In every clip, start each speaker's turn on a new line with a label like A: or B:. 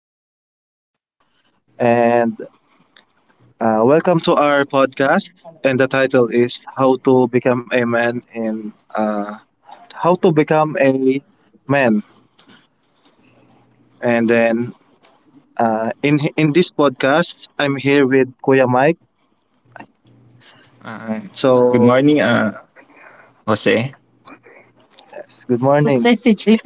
A: My name is Jay, and welcome to our podcast. And the title is "How to Become a Man in How to Become a Man." And then in this podcast, I'm here with Kuya Mike.
B: Ah, good
A: So,
B: morning, Jose.
A: yes, good morning, Sexy Jay.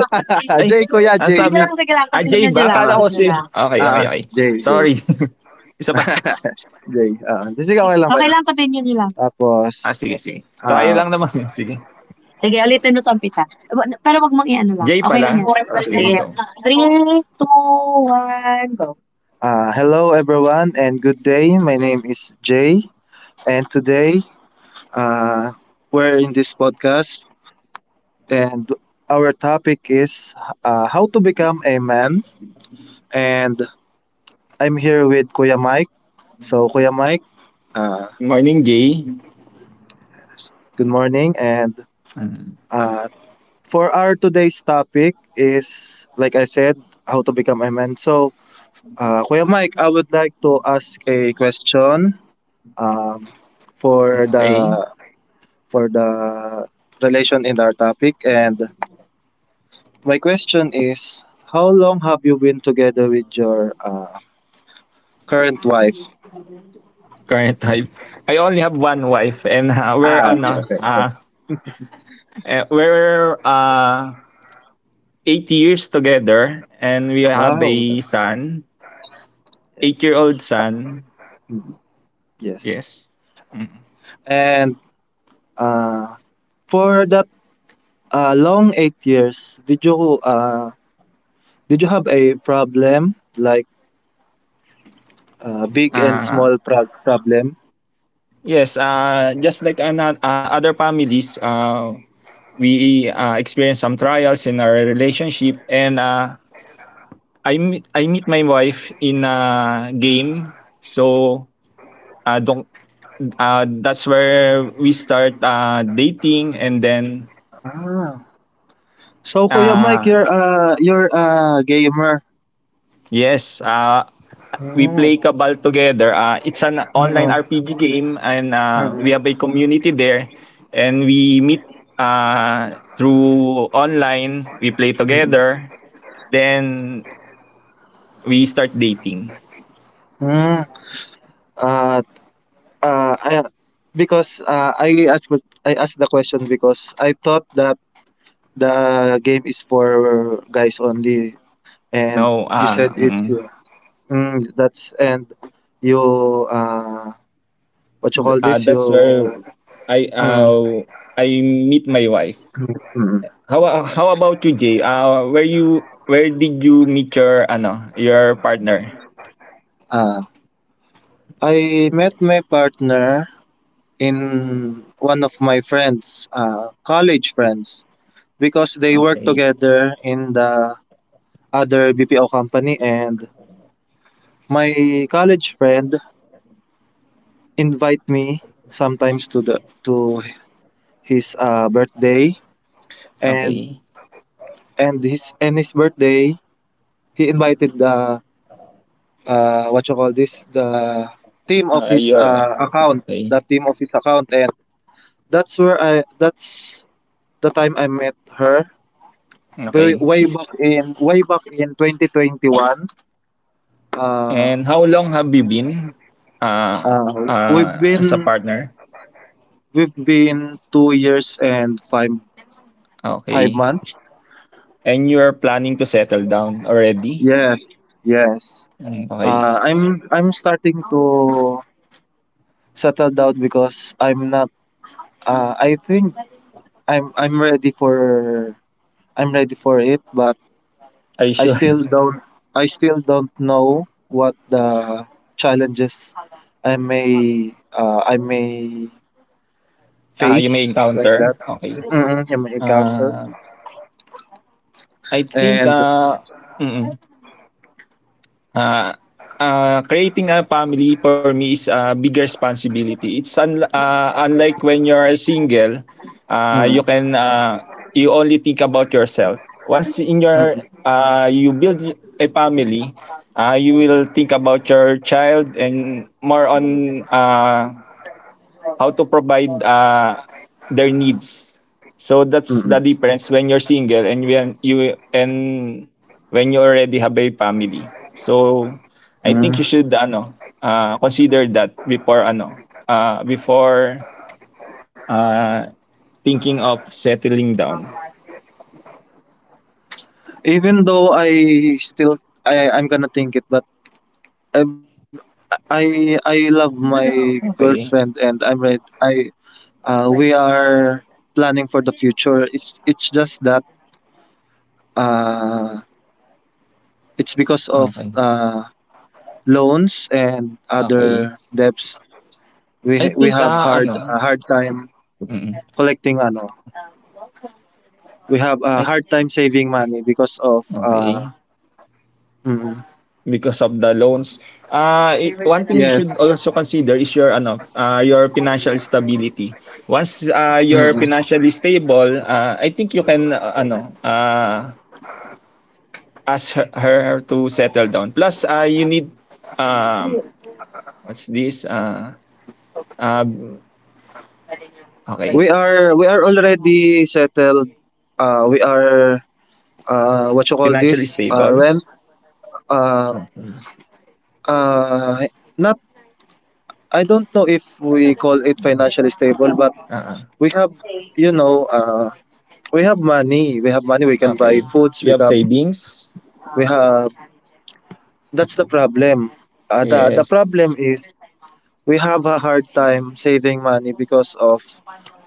B: Ay,
A: Jay Kuya
B: ang
A: Jay. Sige
B: sabi
A: lang, sige lang.
B: Jay
A: Continue nyo
B: ba?
A: lang, Ah,
B: Akala
A: continue
B: Jose?
A: lang.
B: Okay, okay,
A: Ah,
B: okay.
A: Jay Jay.
B: Sorry. Isa pa.
A: Jay, oo. Di sige, okay lang ba Okay yun? Lang, continue nyo lang.
B: Ah,
A: Tapos,
B: sige, sige. Try
A: um,
B: lang naman. Sige.
A: Sige, ulitin mo sa umpisa. Pero wag mong i-ano lang.
B: Jay
A: Okay
B: pala. Ah, sige, go.
A: 3, 2, 1, go. Hello everyone and good day. My name is Jay and today uh, we're in this podcast and our topic is how to become a man, and I'm here with Kuya Mike. So Kuya Mike, uh,
B: Good morning, Jay.
A: good morning. And
B: Mm,
A: uh, for our today's topic is, like I said, how to become a man. So, Kuya Mike, I would like to ask a question, um, for the
B: okay.
A: for the relation in our topic. And my question is, how long have you been together with your current wife?
B: Current type. I only have one wife and we're
A: Ah, okay, okay, okay.
B: we're 8 years together and we have
A: Wow.
B: a son,
A: Yes.
B: 8-year-old son.
A: Hmm, yes.
B: Yes. Mm.
A: And uh, for that long 8 years, did you did you have a problem, like big and small
B: Ah,
A: problem?
B: yes, just like other families, we experience some trials in our relationship, and I meet my wife in a game, so don't, that's where we start dating, and then
A: Ah. So Kuya Mike,
B: uh,
A: you're a gamer.
B: yes, we
A: Mm,
B: play Cabal together. It's an
A: mm,
B: online RPG game, and we have
A: mm,
B: a community there, and we meet through online. We play
A: mm,
B: together, then we start dating.
A: mm. Uh, uh, I, because I asked the question because I thought that the game is for guys only, and
B: No,
A: you said it's mm, that's and you uh what you call this
B: that's where
A: you
B: I
A: mm,
B: uh, I meet my wife.
A: mm, mm,
B: How about you, Jay? Where did you meet your ano your partner?
A: uh, I met my partner in one of my friends, college friends, because they work
B: Okay,
A: together in the other BPO company, and my college friend invite me sometimes to his birthday, and
B: okay.
A: and his birthday he invited the what you call this the team of
B: Ah, a
A: his
B: year.
A: account, the
B: Okay,
A: team of his account, and that's where I that's the time I met her
B: okay.
A: way back in 2021. uh,
B: And how long have you been uh,
A: uh, we've
B: as a
A: been
B: partner?
A: we've been 2 years and five
B: Okay.
A: months.
B: And you're planning to settle down already?
A: Yes, yes.
B: Mm, okay.
A: I'm starting to settle down because I'm not I think i'm i'm ready for I'm ready for it, but
B: Are you
A: I
B: sure?
A: still don't know what the challenges I may
B: You may
A: face, like that.
B: encounter? Okay.
A: Mm-mm, yung may encounter.
B: Uh, I think,
A: And
B: mm Uh, creating a family for me is a big responsibility. It's unlike when you're single, uh, you
A: mm,
B: can uh, you only think about yourself. Once in your
A: mm-mm,
B: You build a family, you will think about your child and more on how to provide their needs. So that's the
A: mm-mm,
B: difference when you're single and when you already have a family. So I
A: mm.
B: think you should ano consider that before uh, thinking of settling down.
A: Even though I I'm gonna think it, but I I love my
B: Okay.
A: girlfriend and I'm ready. I We are planning for the future. It's just that uh, it's because of
B: Okay.
A: loans and
B: Okay.
A: other debts.
B: I
A: We
B: think
A: have hard
B: ano.
A: a hard time
B: Mm,
A: collecting ano, we have a
B: I
A: hard time saving money because of
B: okay.
A: mm,
B: Because of the loans. One thing you
A: yes.
B: should also consider is your ano, your financial stability. Once you're
A: Mm.
B: financially stable, I think you can ask her to settle down. Plus, you need um, what's this? Uh,
A: We
B: okay,
A: are already settled. We are What you call
B: financially
A: this,
B: stable.
A: rent. uh
B: Okay.
A: uh Not, I don't know if we call it financially stable, but
B: Uh,
A: we have, you know, we have money, we can buy
B: okay.
A: foods,
B: You
A: we
B: have
A: have
B: savings.
A: we have that's the problem. The the
B: Yes.
A: problem is we have a hard time saving money because of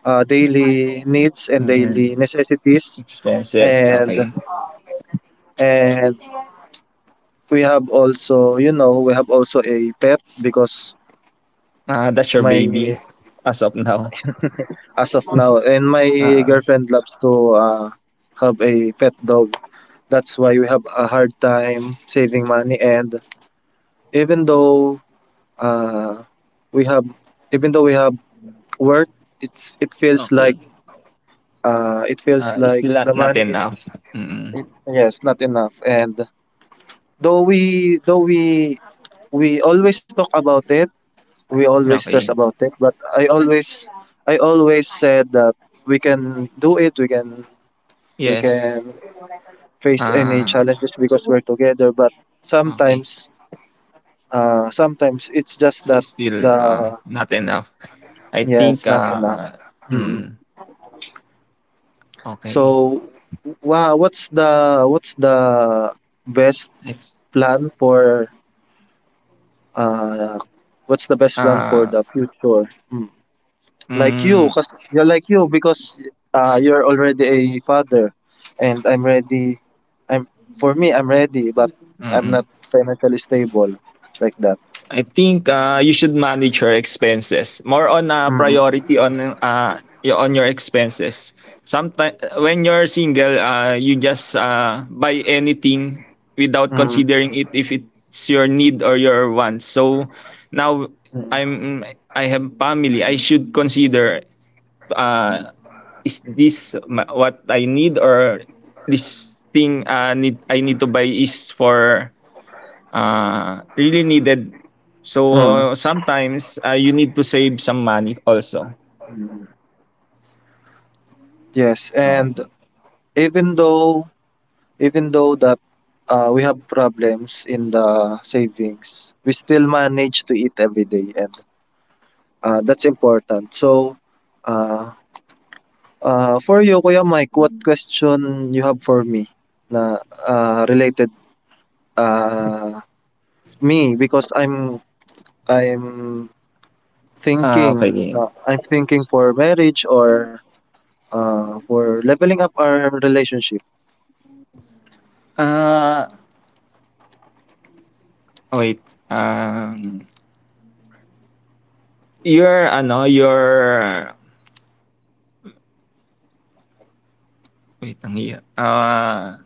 A: daily needs and daily
B: Mm-mm.
A: necessities.
B: Expenses.
A: And
B: Okay.
A: and we have also, you know, we have also a pet because
B: Ah, that's your
A: my
B: baby as of now?
A: as of now. And my
B: Ah,
A: girlfriend loves to have a pet dog, that's why we have a hard time saving money. And even though uh, we have even though we have work, it's it feels like
B: okay.
A: it feels
B: Ah,
A: like
B: still not
A: the
B: not
A: money is
B: enough. Mm,
A: yes, not enough. And though we always talk about it, we always stress
B: okay.
A: about it, but I always said that we can do it, we can we
B: Yes,
A: can face any
B: ah,
A: challenges because we're together. But
B: okey.
A: sometimes sometimes it's just that
B: Still,
A: the
B: not enough. I think,
A: yes, not enough. Mm.
B: mm, okey.
A: So wow, what's the best plan for uh what's the best plan for
B: Ah,
A: the future? Mm.
B: hmm,
A: Like
B: mm.
A: you, cause you're, like you, because you're already a father, and I'm ready I'm for me, I'm ready, but I'm
B: Mm.
A: not financially stable, like that.
B: I think you should manage your expenses. More on
A: Mm-hmm.
B: priority on on your expenses. Sometimes when you're single, you just buy anything without considering
A: Mm-hmm.
B: it if it's your need or your want. So now I'm I have family. I should consider uh, is this what I need or this thing uh, I need to buy is for really needed. So
A: Mm-hmm.
B: sometimes you need to save some money also.
A: Yes. And
B: Okay.
A: even though even though that we have problems in the savings, we still manage to eat every day. And, that's important. So, uh, for you, Kuya Mike, what question you have for me na related uh, me? Because I'm thinking
B: Okay.
A: na, I'm thinking for marriage or for leveling up our relationship.
B: Uh, Wait. Um, your ano your wait ang hiya.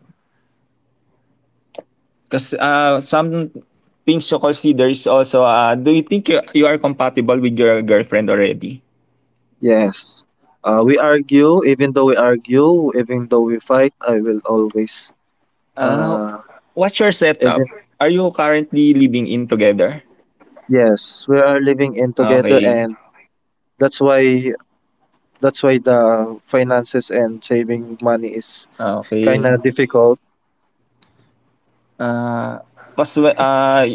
B: Cause some things you consider is also do you think you are compatible with your girlfriend already?
A: Yes. We argue, even though we argue, even though we fight, I will always
B: Uh,
A: uh,
B: What's your
A: even
B: setup? Are you currently living in together?
A: yes, we are living in
B: Ah,
A: together.
B: okay.
A: And that's why the finances and saving money is
B: Ah,
A: kind
B: okay.
A: of difficult.
B: Uh, cause whe- uh,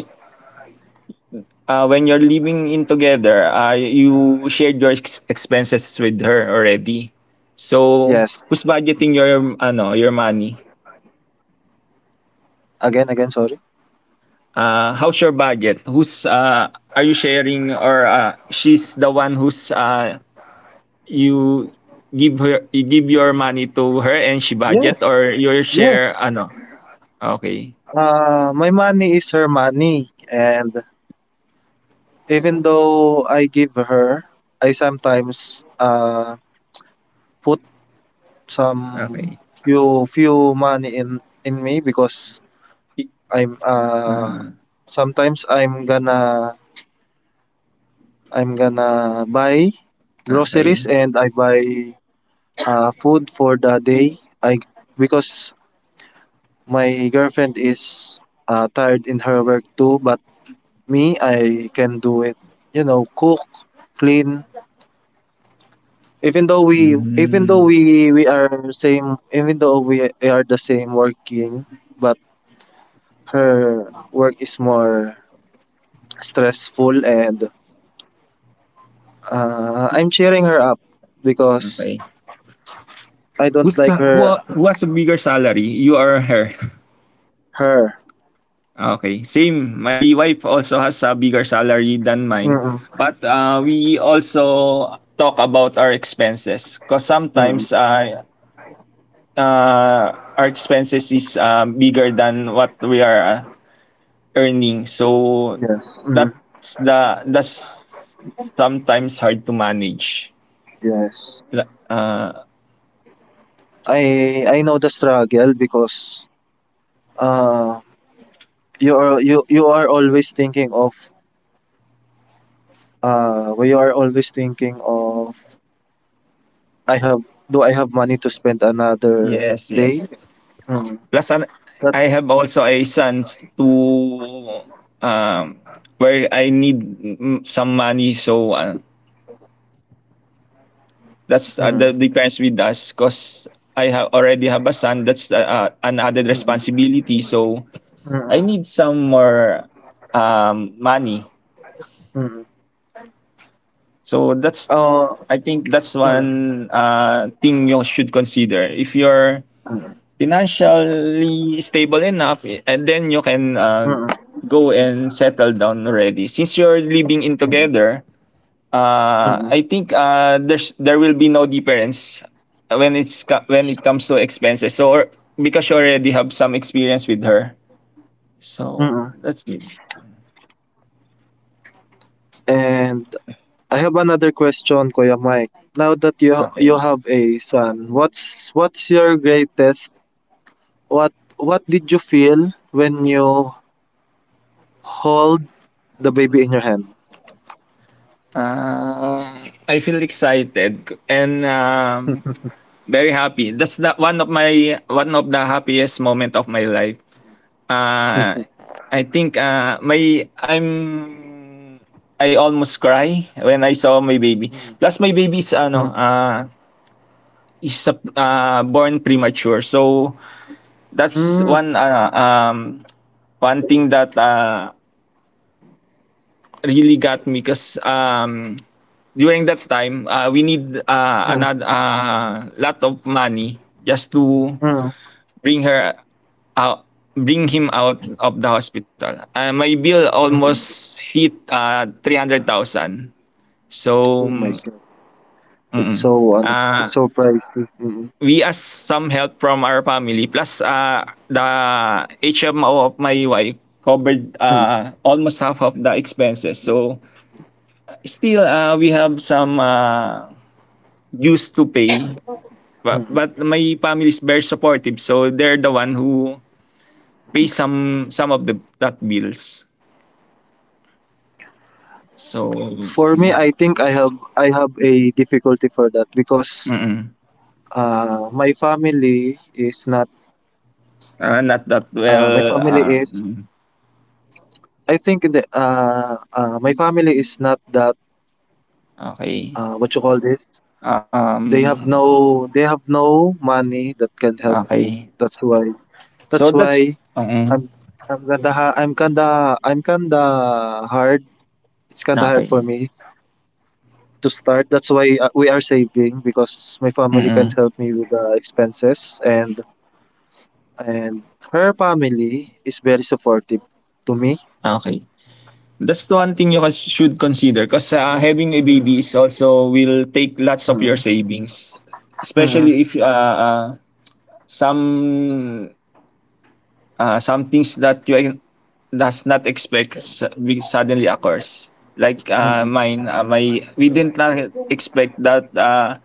B: uh, when you're living in together, you shared your expenses with her already. So
A: Yes.
B: who's budgeting your ano your money?
A: Again, again, sorry.
B: How's your budget? Who's Are you sharing or she's the one who's you you give your money to her and she
A: Yes,
B: budget or your
A: yes.
B: share ano? Okay.
A: My money is her money, and even though I give her, I sometimes put some
B: Okay.
A: few money in me, because I'm
B: Uh,
A: sometimes I'm gonna buy groceries
B: okay.
A: and I buy food for the day. I, because my girlfriend is tired in her work too, but me, I can do it. You know, cook, clean.
B: Mm,
A: We are same, even though we are the same working, but her work is more stressful, and I'm cheering her up because
B: okay.
A: I don't
B: Who's,
A: like her,
B: ha- who has a bigger salary? You or her?
A: her.
B: Okay. Same. My wife also has a bigger salary than mine.
A: Mm-mm.
B: But we also talk about our expenses because
A: Mm-mm.
B: sometimes our expenses is bigger than what we are earning. So
A: Yes. Mm-mm.
B: that's sometimes hard to manage.
A: Yes.
B: La- Uh,
A: I know the struggle, because uh you are you are always thinking of you are always thinking of I have, do I have money to spend another
B: yes,
A: day?
B: yes.
A: Mm.
B: Plus,
A: That
B: I have also a son to um where I need some money, so that's
A: mm.
B: the with us because I already have a son. That's an added
A: Mm.
B: responsibility, so I
A: Mm.
B: need some more money.
A: Mm.
B: So that's
A: Uh,
B: I think that's
A: mm.
B: one thing you should consider if you're
A: Mm.
B: financially stable enough and then you can
A: Mm.
B: go and settle down already since you're living in
A: Mm.
B: together.
A: Mm.
B: I think there will be no difference when it comes to expenses so or, because you already have some experience with her, so
A: Mm.
B: that's good.
A: And I have another question, Kuya Mike. Now that you
B: Okay.
A: have a son, what's your greatest what did you feel when you hold the baby in your hand?
B: I feel excited and very happy. That's the one of my one of the happiest moment of my life. Uh, I think my I'm I almost cry when I saw my baby.
A: Mm.
B: Plus my baby's
A: Mm.
B: ano born premature. So that's
A: Mm.
B: one um one thing that really got me because during that time we need
A: Mm.
B: another lot of money just to
A: Mm.
B: bring her out bring him out of the hospital. My bill
A: Mm.
B: almost hit 300,000. So
A: Oh my god. It's
B: mm.
A: so ano,
B: uh,
A: it's so pricey. Mm.
B: we asked some help from our family plus the HMO of my wife covered
A: Mm.
B: almost half of the expenses. So still we have some dues to pay but,
A: Mm.
B: but my family is very supportive so they're the one who pay some of the bills.
A: For
B: So,
A: me, I think
B: mm,
A: I have a difficulty for that, because
B: mm.
A: my family is not
B: Ah, not that
A: my family
B: well,
A: is I think the my family is not that
B: okay.
A: what you call this. They have
B: Um,
A: no money that can help me.
B: okay.
A: That's why
B: So
A: that's
B: that's
A: why
B: mm,
A: I'm I'm kinda ha- I'm kinda hard. It's kinda hard
B: okey,
A: for me to start. That's why we are saving, because my family can't
B: mm,
A: help me with the expenses. And and her family is very supportive to me.
B: okay. That's the one thing you should consider because
A: Mm,
B: having a
A: mm,
B: baby is also will take lots of your
A: mm,
B: savings,
A: mm,
B: especially if, some some things that you does not expect will suddenly occurs. Like
A: mm,
B: mine, my we did not expect that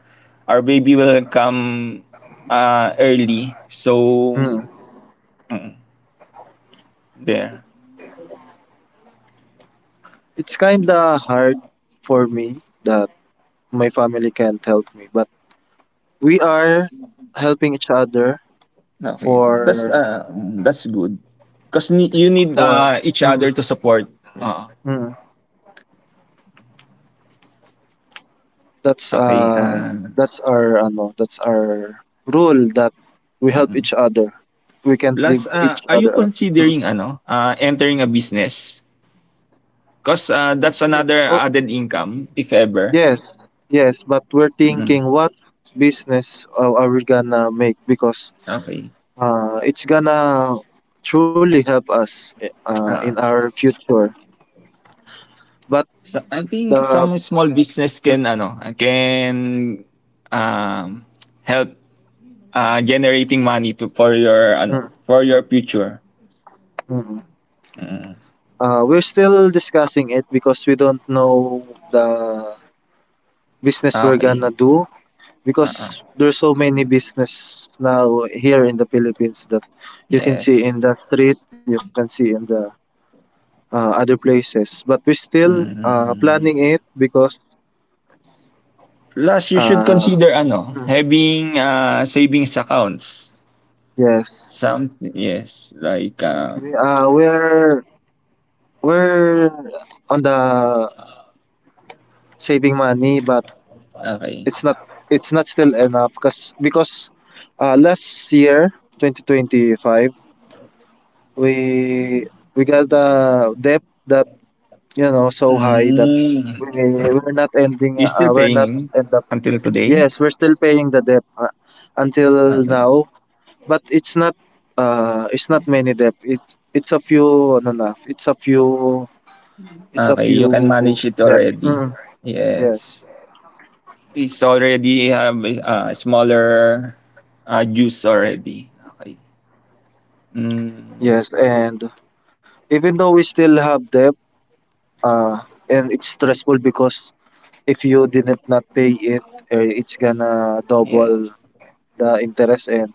B: our baby will come early. So
A: mm.
B: mm, there.
A: It's kinda hard for me that my family can't help me, but we are helping each other.
B: Okay, that's
A: for
B: uh, that's good. Cause you need
A: for
B: each
A: mm,
B: other to support. Oo.
A: mm, that's
B: Okay.
A: that's our ano, that's our rule, that we help
B: Um,
A: each other. We can't leave
B: Plus,
A: each
B: are you
A: other out. Mm.
B: considering ano? Entering a business? Because that's
A: Yes.
B: another
A: Oh,
B: added income, if ever.
A: yes. Yes, but we're
B: Mm,
A: thinking what business are we gonna make, because
B: okay.
A: it's gonna truly help us, eh, in
B: Ah,
A: our future. But
B: so I think
A: the
B: some small business
A: mm,
B: can can um, help generating money for your
A: mm,
B: for your future.
A: mm.
B: Mm,
A: We're still discussing it, because we don't know the business we're
B: okay.
A: gonna do, because
B: Uh-uh.
A: there's so many business now here in the Philippines that you can see
B: Yes.
A: in the street, you can see in the other places. But we're still planning
B: Mm.
A: it, because
B: Plus, you should
A: uh,
B: consider ano
A: hmm,
B: having savings accounts.
A: yes,
B: Some, yes, like
A: we, we're we're on the saving money. But
B: okay.
A: it's not still enough, because last year, 2025, we we got the debt that, you know, so high that
B: Mm.
A: we we're not ending
B: You still
A: we're not
B: paying
A: end up
B: until
A: yes,
B: today?
A: we're still paying the debt until
B: Okay.
A: now. But it's not many debt, it it's a few ano na it's a
B: Okay,
A: few
B: you can manage it
A: debt.
B: already.
A: Mm, yes.
B: Yes. It's already have a smaller use already. Okay. Mm,
A: Yes. And even though we still have debt, uh, and it's stressful, because if you didn't not pay it, eh, it's gonna double
B: yes.
A: the interest. And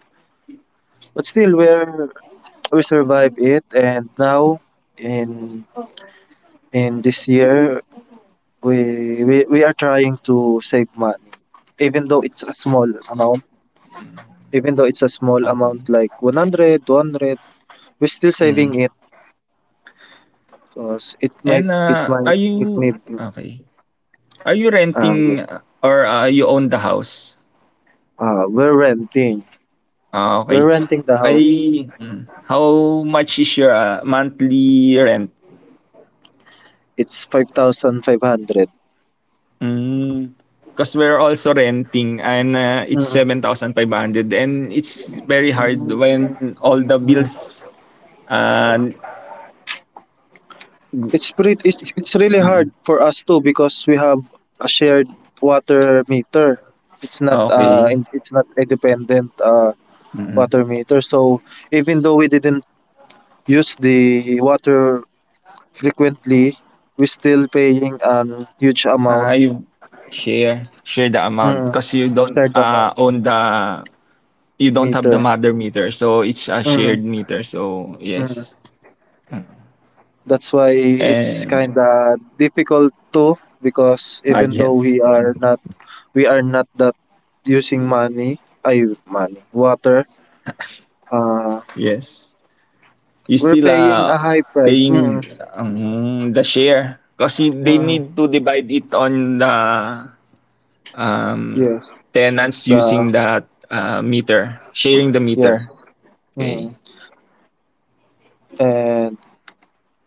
A: but still, we're we survive it. And now in this year, we are trying to save money, even though it's a small amount. Even though it's a small amount,
B: Okay.
A: like one hundred, two hundred, we're still saving
B: Mm.
A: it, because it
B: And
A: might
B: are
A: it
B: you
A: may be
B: okay? Are you renting
A: yeah.
B: or you own the house?
A: We're renting.
B: Ah, okay.
A: The house.
B: How much is your monthly rent?
A: It's 5,500.
B: Hmm, because we're also renting and, it's
A: Mm-mm.
B: 7,500 and it's very hard when all the bills, ah, gu
A: It's pretty. It's really hard
B: mm,
A: for us too, because we have a shared water meter. It's not
B: okey,
A: it's not a dependent
B: mm.
A: water meter. So even though we didn't use the water frequently, we're still paying an huge
B: Ah,
A: amount
B: you share share the amount
A: mm
B: because
A: shared amount
B: you don't have the
A: meter.
B: mother meter, so it's a shared
A: Mm.
B: meter, so
A: Hmm.
B: yes, mm,
A: That's why it's
B: and
A: kind of difficult too, because even
B: budget,
A: though we
B: mm,
A: are not that using money, ay money, water, uh
B: yes. You
A: we're
B: still
A: paying a high price.
B: paying
A: Mm-mm,
B: the share because they need to divide it on the um,
A: yes.
B: tenants using
A: The
B: that meter, sharing the
A: yes.
B: meter.
A: Mm.
B: Okay,
A: And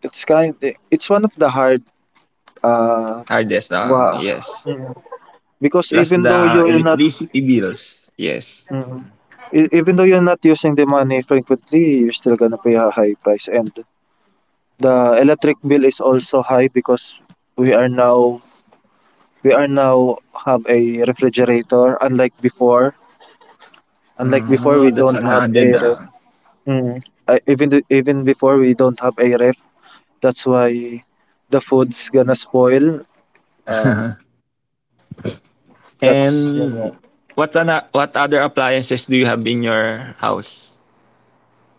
A: it's kind, it's one of the hard uh
B: hardest.
A: wa-
B: Yes,
A: mm. because
B: plus
A: even though
B: the
A: you're not
B: electricity bills. Yes.
A: mm, e- Even though you're not using the money frequently, you're still gonna pay a high price. And the electric bill is also high because we are now we are now have a refrigerator, unlike before. Unlike before,
B: Oh,
A: we
B: that's
A: don't
B: an
A: have a
B: added.
A: ref. Mm. Even before we don't have a ref. That's why the food's gonna spoil. Uh, that's.
B: And what what other appliances do you have in your house?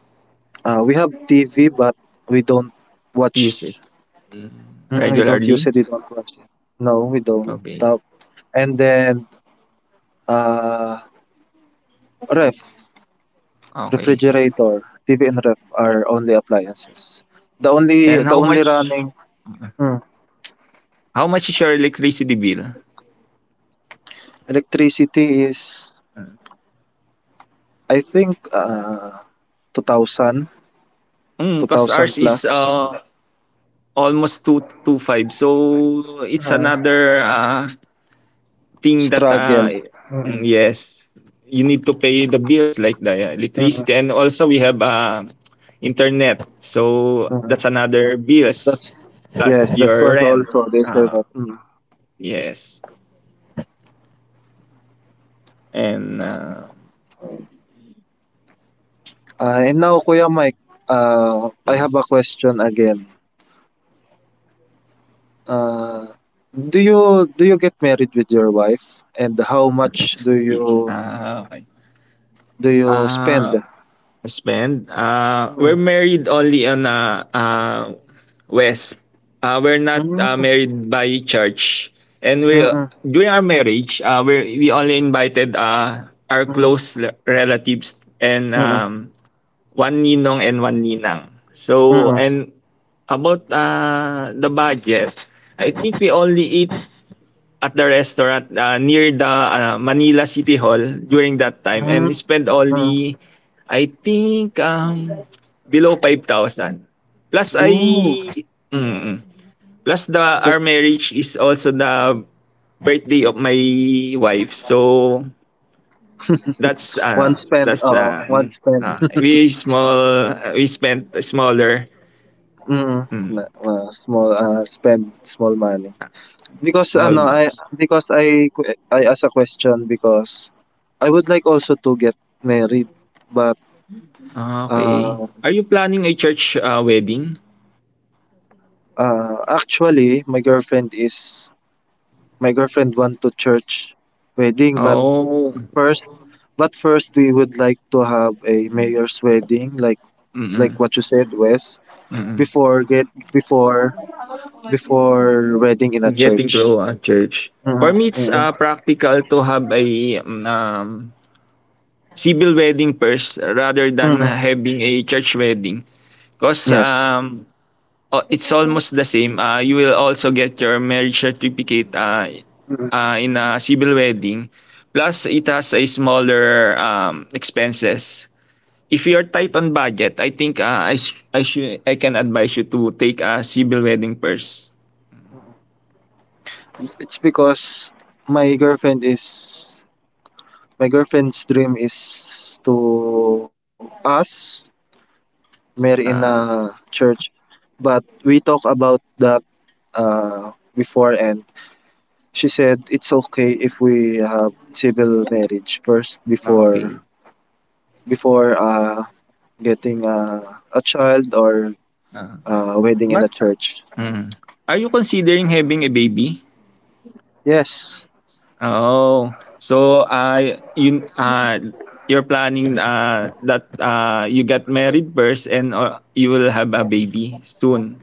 A: We have TV but we don't watch.
B: Use it, Mm,
A: Mm, we don't use it.
B: regularly.
A: We don't watch it. No, we don't.
B: Okay.
A: And then uh, ref.
B: Okay.
A: Refrigerator, TV and ref are only appliances. The only
B: And
A: the
B: how
A: only
B: much
A: running mm,
B: how much is your electricity bill?
A: electricity is, I think, 2000 two
B: Cause
A: thousand
B: ours
A: plus.
B: is almost two two five. So it's
A: Mm,
B: another thing that
A: struggle. mm,
B: yes, you need to pay the bills like the
A: mm,
B: electricity, and also we have internet. So that's
A: mm.
B: another bills
A: That's
B: plus
A: yes, that's
B: your
A: one
B: rent.
A: also, the
B: Uh
A: internet. Mm.
B: yes, and
A: And now, Kuya Mike, I have a
B: yes.
A: question again. Uh do you get married with your wife, and how much do
B: Yeah,
A: you
B: Okay.
A: do you
B: uh
A: spend?
B: Spend? We're
A: Mm,
B: married only on West. We're not
A: mm,
B: married by church. And
A: mm-mm,
B: during our marriage, we only invited our
A: mm,
B: close relatives and
A: mm-mm,
B: one ninong and one ninang.
A: mm,
B: So,
A: mm,
B: and about the budget, I think we only eat at the restaurant near the Manila City Hall during that time and spent
A: mm.
B: only, I think, below 5,000. Plus
A: Ooh,
B: mm, plus our
A: just
B: marriage is also the birthday of my wife. So that's
A: one spend.
B: that's
A: One
B: um
A: spend.
B: we spent smaller,
A: Mm, na,
B: mm,
A: small, spend small money. Because ano,
B: small,
A: I I ask a question because I would like also to get married, but
B: okay.
A: uh,
B: Are you planning a church wedding?
A: actually, my girlfriend want to church wedding. But
B: Oh.
A: first, but first we would like to have a mayor's wedding, like
B: Mm-mm.
A: what you said, Wes,
B: Mm.
A: before get before before wedding in a
B: Getting
A: church.
B: to a church. For
A: Mm-hmm,
B: me, it's
A: mm-hmm,
B: practical to have a mm, um, civil wedding first rather than
A: mm-hmm.
B: having a church wedding. Because
A: Yes,
B: it's almost the same. You will also get your marriage certificate
A: mm-hmm.
B: in a civil wedding. Plus, it has a smaller expenses. If you're tight on budget, I think I, sh- I, should I can advise you to take a civil wedding first.
A: It's because my girlfriend is my girlfriend's dream is to us marry in a
B: Uh,
A: church, but we talk about that uh before, and she said it's okay if we have civil marriage first
B: okay.
A: before getting a child or
B: Uh,
A: a wedding in
B: But,
A: the church.
B: mm. Are you considering having a baby?
A: Yes.
B: Oh, so you're planning that you get married first and you will have a baby soon.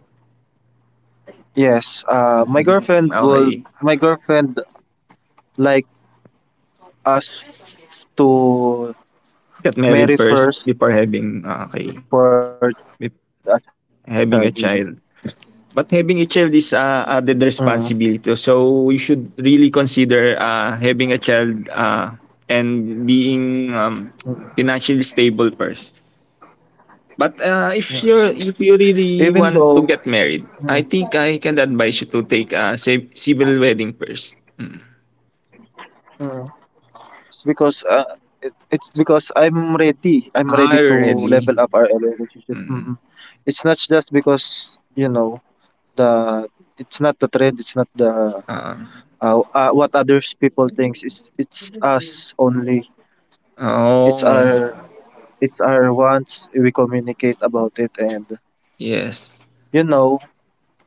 A: Yes.
B: Mm, okay,
A: My girlfriend like us to
B: get married
A: marry
B: first
A: first
B: before having okay
A: before a child. Mm,
B: bef- having a child. But
A: mm,
B: having a child is added responsibility, so you should really consider having a child
A: mm,
B: and being financially stable first.
A: mm.
B: But
A: Even
B: if you're
A: though
B: if you really
A: mm,
B: want to get married, I think I can advise you to take a civil wedding first. Mm.
A: mm. Because it's because I'm ready. I'm ready to
B: Are
A: level up our
B: ready?
A: relationship. Mm-hmm.
B: Mm.
A: It's not just because the it's not the trend. It's not the
B: Um,
A: what others people thinks. It's us only. It's
B: oh,
A: our it's our wants. We communicate about it, and
B: yes.
A: you know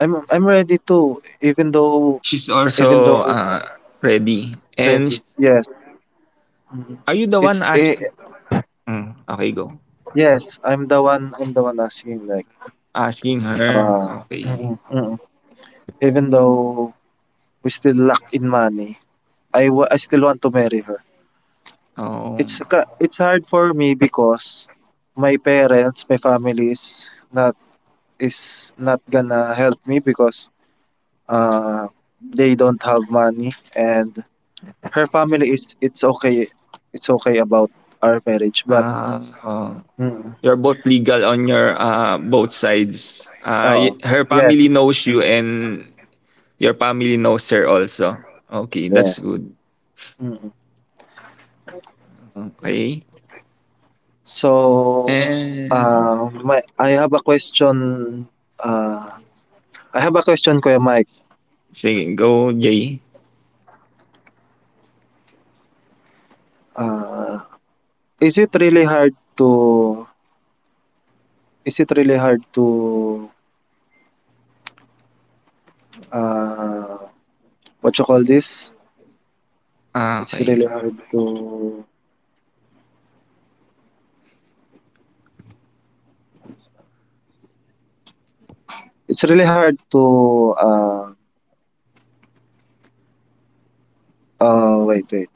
A: I'm ready too. Even though
B: She's
A: even
B: also
A: though
B: ready.
A: ready. Yes,
B: Are you the one
A: it's a
B: asking? Mm, okay, go.
A: yes. I'm the one. I'm the one asking, like.
B: Asking her.
A: Ah,
B: Okay.
A: mm, mm. Even though we still lack in money, I still want to marry her.
B: Um,
A: It's hard for me because my parents, my family is not gonna help me because uh they don't have money, and her family is it's okay, it's okay about our marriage, but
B: oh,
A: mm,
B: you're both legal on your both sides.
A: oh,
B: Her
A: yes,
B: family knows you, and your family knows her also. Okay, that's
A: yes.
B: good.
A: Mm.
B: Okay.
A: So,
B: And
A: my I have a question, uh, I have a question, Kuya Mike.
B: sige, go Jay.
A: Uh, is it really hard to is it really hard to, uh, what you call this?
B: Ah,
A: It's
B: okay.
A: really hard to it's really hard to, wait, wait.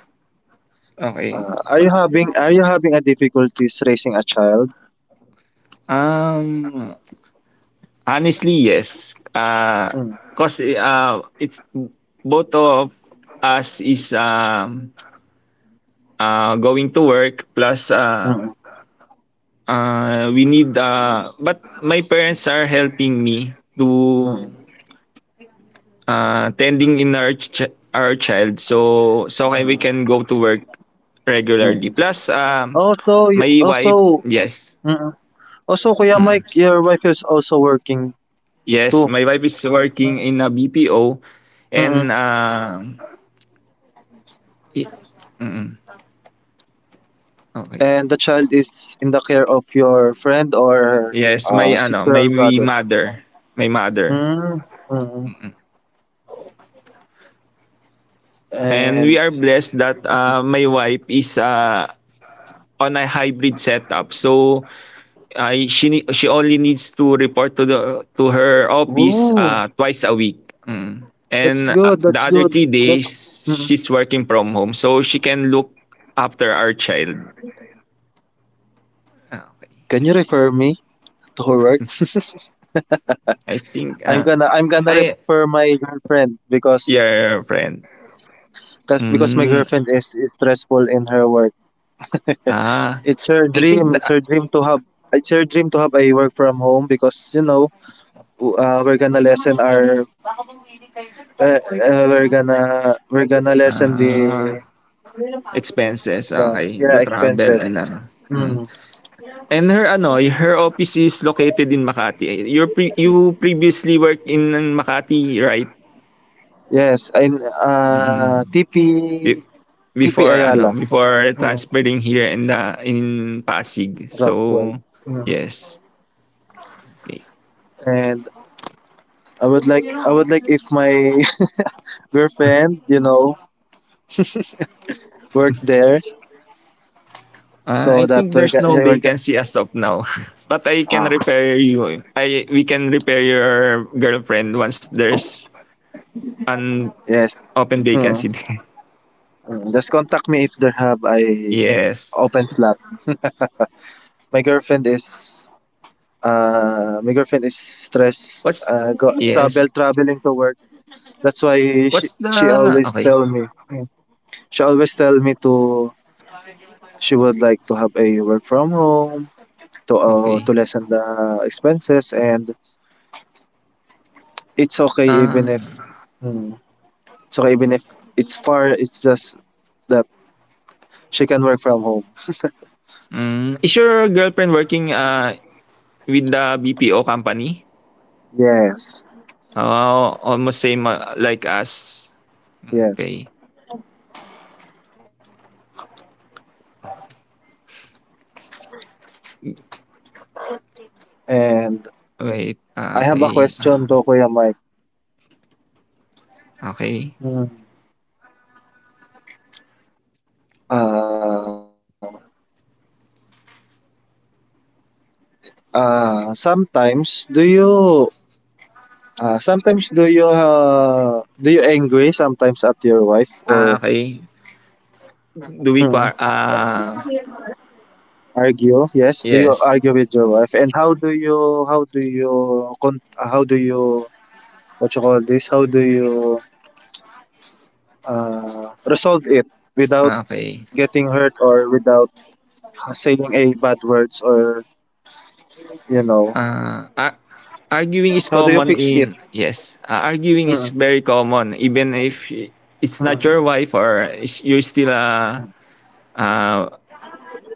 B: Okay. So,
A: Are you having a difficulties raising a child?
B: um honestly, yes.
A: Mm,
B: Cause it's both of us is going to work plus
A: mm,
B: we need but my parents are helping me to
A: mm,
B: tending in our our child so okay we
A: mm,
B: can go to work regularly
A: mm.
B: plus
A: Oh, so
B: my
A: you, oh,
B: wife
A: so.
B: yes.
A: Mm. Also, Kuya
B: Mm.
A: Mike, your wife is also working
B: Yes,
A: too.
B: my wife is working in a BPO and
A: Mm.
B: i- mm, okay,
A: And the child is in the care of your friend or,
B: yes, my ano,
A: sister
B: my
A: or brother.
B: mother, my mother.
A: Mm. Mm.
B: Mm. And we
A: And,
B: are blessed that my wife is on a hybrid setup so she only needs to report to the to her office
A: ooh,
B: twice a week. Mm. And
A: that's good.
B: the
A: That's
B: other
A: good.
B: three
A: That's.
B: days
A: Mm.
B: she's working from home so she can look after our child. Ah, okay.
A: Can you refer me to her work?
B: I think
A: I'm gonna I'm gonna
B: I
A: refer my girlfriend
B: your friend.
A: because my
B: Mm.
A: girlfriend is stressful in her work.
B: Ah,
A: It's her
B: I
A: dream.
B: think
A: It's
B: the
A: her dream to have. It's her dream to have a work from home because, we're gonna lessen our. We're gonna lessen the
B: ah expenses,
A: the
B: okay,
A: yeah,
B: the travel
A: expenses.
B: and ano. Mm. And her ano, her office is located in Makati. You previously worked in Makati, right?
A: Yes, and,
B: Mm. Be
A: TP
B: Before ano,
A: Ayala
B: before transferring here in the in Pasig. So,
A: Rockwell,
B: yes. Okay.
A: and I would like if my girlfriend, work there so
B: I
A: that
B: think
A: we're
B: there's
A: gonna
B: no
A: we're gonna
B: vacancy as of now. But I can
A: ah,
B: repair you. We can repair your girlfriend once there's an
A: yes.
B: open
A: Hmm.
B: vacancy there.
A: Mm, just contact me if there have a
B: Yes.
A: open slot. My girlfriend is my girlfriend is stressed,
B: What's
A: go travel
B: yes.
A: traveling to work. That's why she,
B: What's
A: she
B: the
A: always
B: Okay.
A: tell me. She always tell me to, she would like to have a work from home to, to
B: Okay.
A: lessen the expenses, and it's okay even if
B: Uh,
A: it's okay even if it's far, it's just that she can work from home.
B: is your girlfriend working with the BPO company?
A: Yes.
B: Oh, almost same, ah, like us.
A: Yes.
B: Okay.
A: And
B: Wait, ah,
A: I have a
B: okey, ah,
A: question to Kuya Mike.
B: okey,
A: Mm. Uh, uh, sometimes do you sometimes do you, do you angry sometimes at your wife,
B: ah,
A: or.
B: okey. Do we qua
A: Mm.
B: ah,
A: Argue? Yes, do you
B: Yes,
A: argue with your wife? And how do you, what you call this? How do you, resolve it without
B: okey.
A: getting hurt or without saying a bad words, or you know
B: Ah, ar Arguing is
A: how do you
B: common
A: fix
B: in
A: it?
B: yes, ah, arguing is
A: Mm.
B: very common even if it's
A: Mm.
B: not your wife or is you're still, ah, ah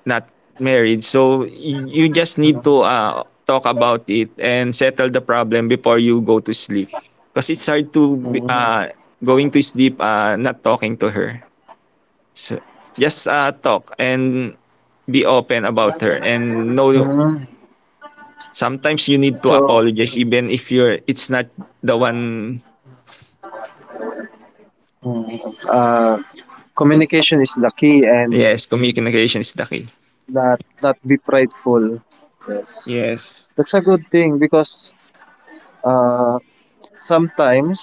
B: not married. So you just need to talk about it and settle the problem before you go to sleep. Because it's hard to
A: Mhm.
B: going to sleep not talking to her. So just talk and be open about her and know sometimes you need to
A: So,
B: apologize even if you're it's not the one.
A: uh, communication is the key, and
B: Yes, communication is the key.
A: not be prideful. Yes,
B: Yes,
A: that's a good thing because, uh, sometimes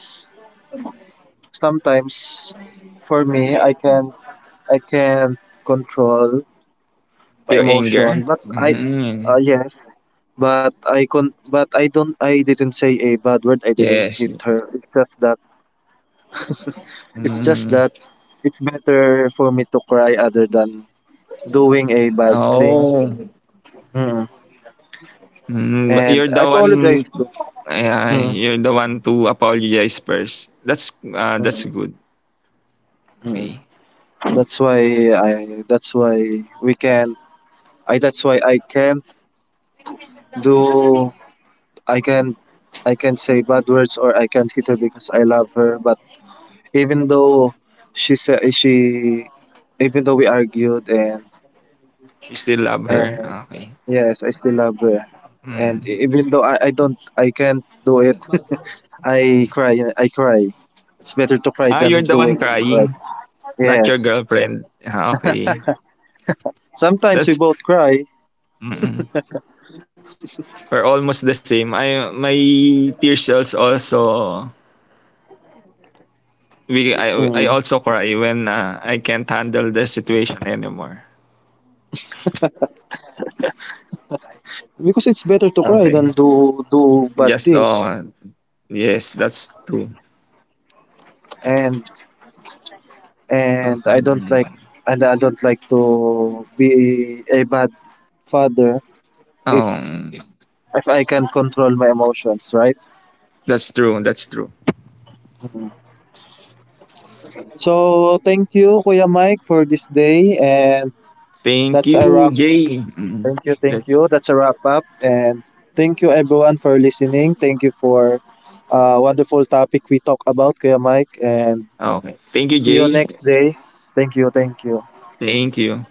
A: sometimes for me I can control my
B: your
A: emotion.
B: anger.
A: But I
B: Mm,
A: yes, but I con but I didn't say a bad word. I didn't
B: yes.
A: hit her. It's just
B: Mm,
A: that it's better for me to cry other than doing a bad thing.
B: oh.
A: Mm.
B: Mm, but
A: And
B: you're
A: I
B: the one.
A: apologize to.
B: Yeah,
A: Mm,
B: you're the one to apologize first. That's, ah, that's
A: mm,
B: good.
A: mm.
B: Okay.
A: That's why I. That's why we can. I. That's why I can do. I can. I can say bad words or I can't hit her because I love her. But even though she said she, even though we argued, and
B: You still love her,
A: And
B: ah, okay.
A: yes, I still love her. And
B: Mm.
A: even though I can't do it. I cry. I cry. It's better to cry
B: Ah,
A: than
B: you're the one
A: doing it.
B: crying, not your
A: Yes,
B: girlfriend. Ah, okay.
A: sometimes we
B: That's
A: both cry.
B: mm. We're almost the same. My tears cells also we I
A: Mm.
B: also cry when, ah, I can't handle the situation anymore.
A: Because it's better to cry
B: Okay.
A: than do bad
B: Just,
A: things.
B: oh, yes, that's true.
A: And and I don't like
B: Okay.
A: and I don't like to be a bad father if
B: Um,
A: I can control my emotions, right?
B: that's true. That's true.
A: So thank you, Kuya Mike, for this day, and
B: Thank
A: that's a
B: you,
A: wrap.
B: Jay. Mm,
A: Thank you, thank
B: Let's
A: you. That's a wrap up, and thank you everyone for listening. Thank you for wonderful topic we talk about, Kuya Mike, and
B: okay. Thank you,
A: see you next
B: Jay.
A: day. Thank you, thank you.
B: Thank you.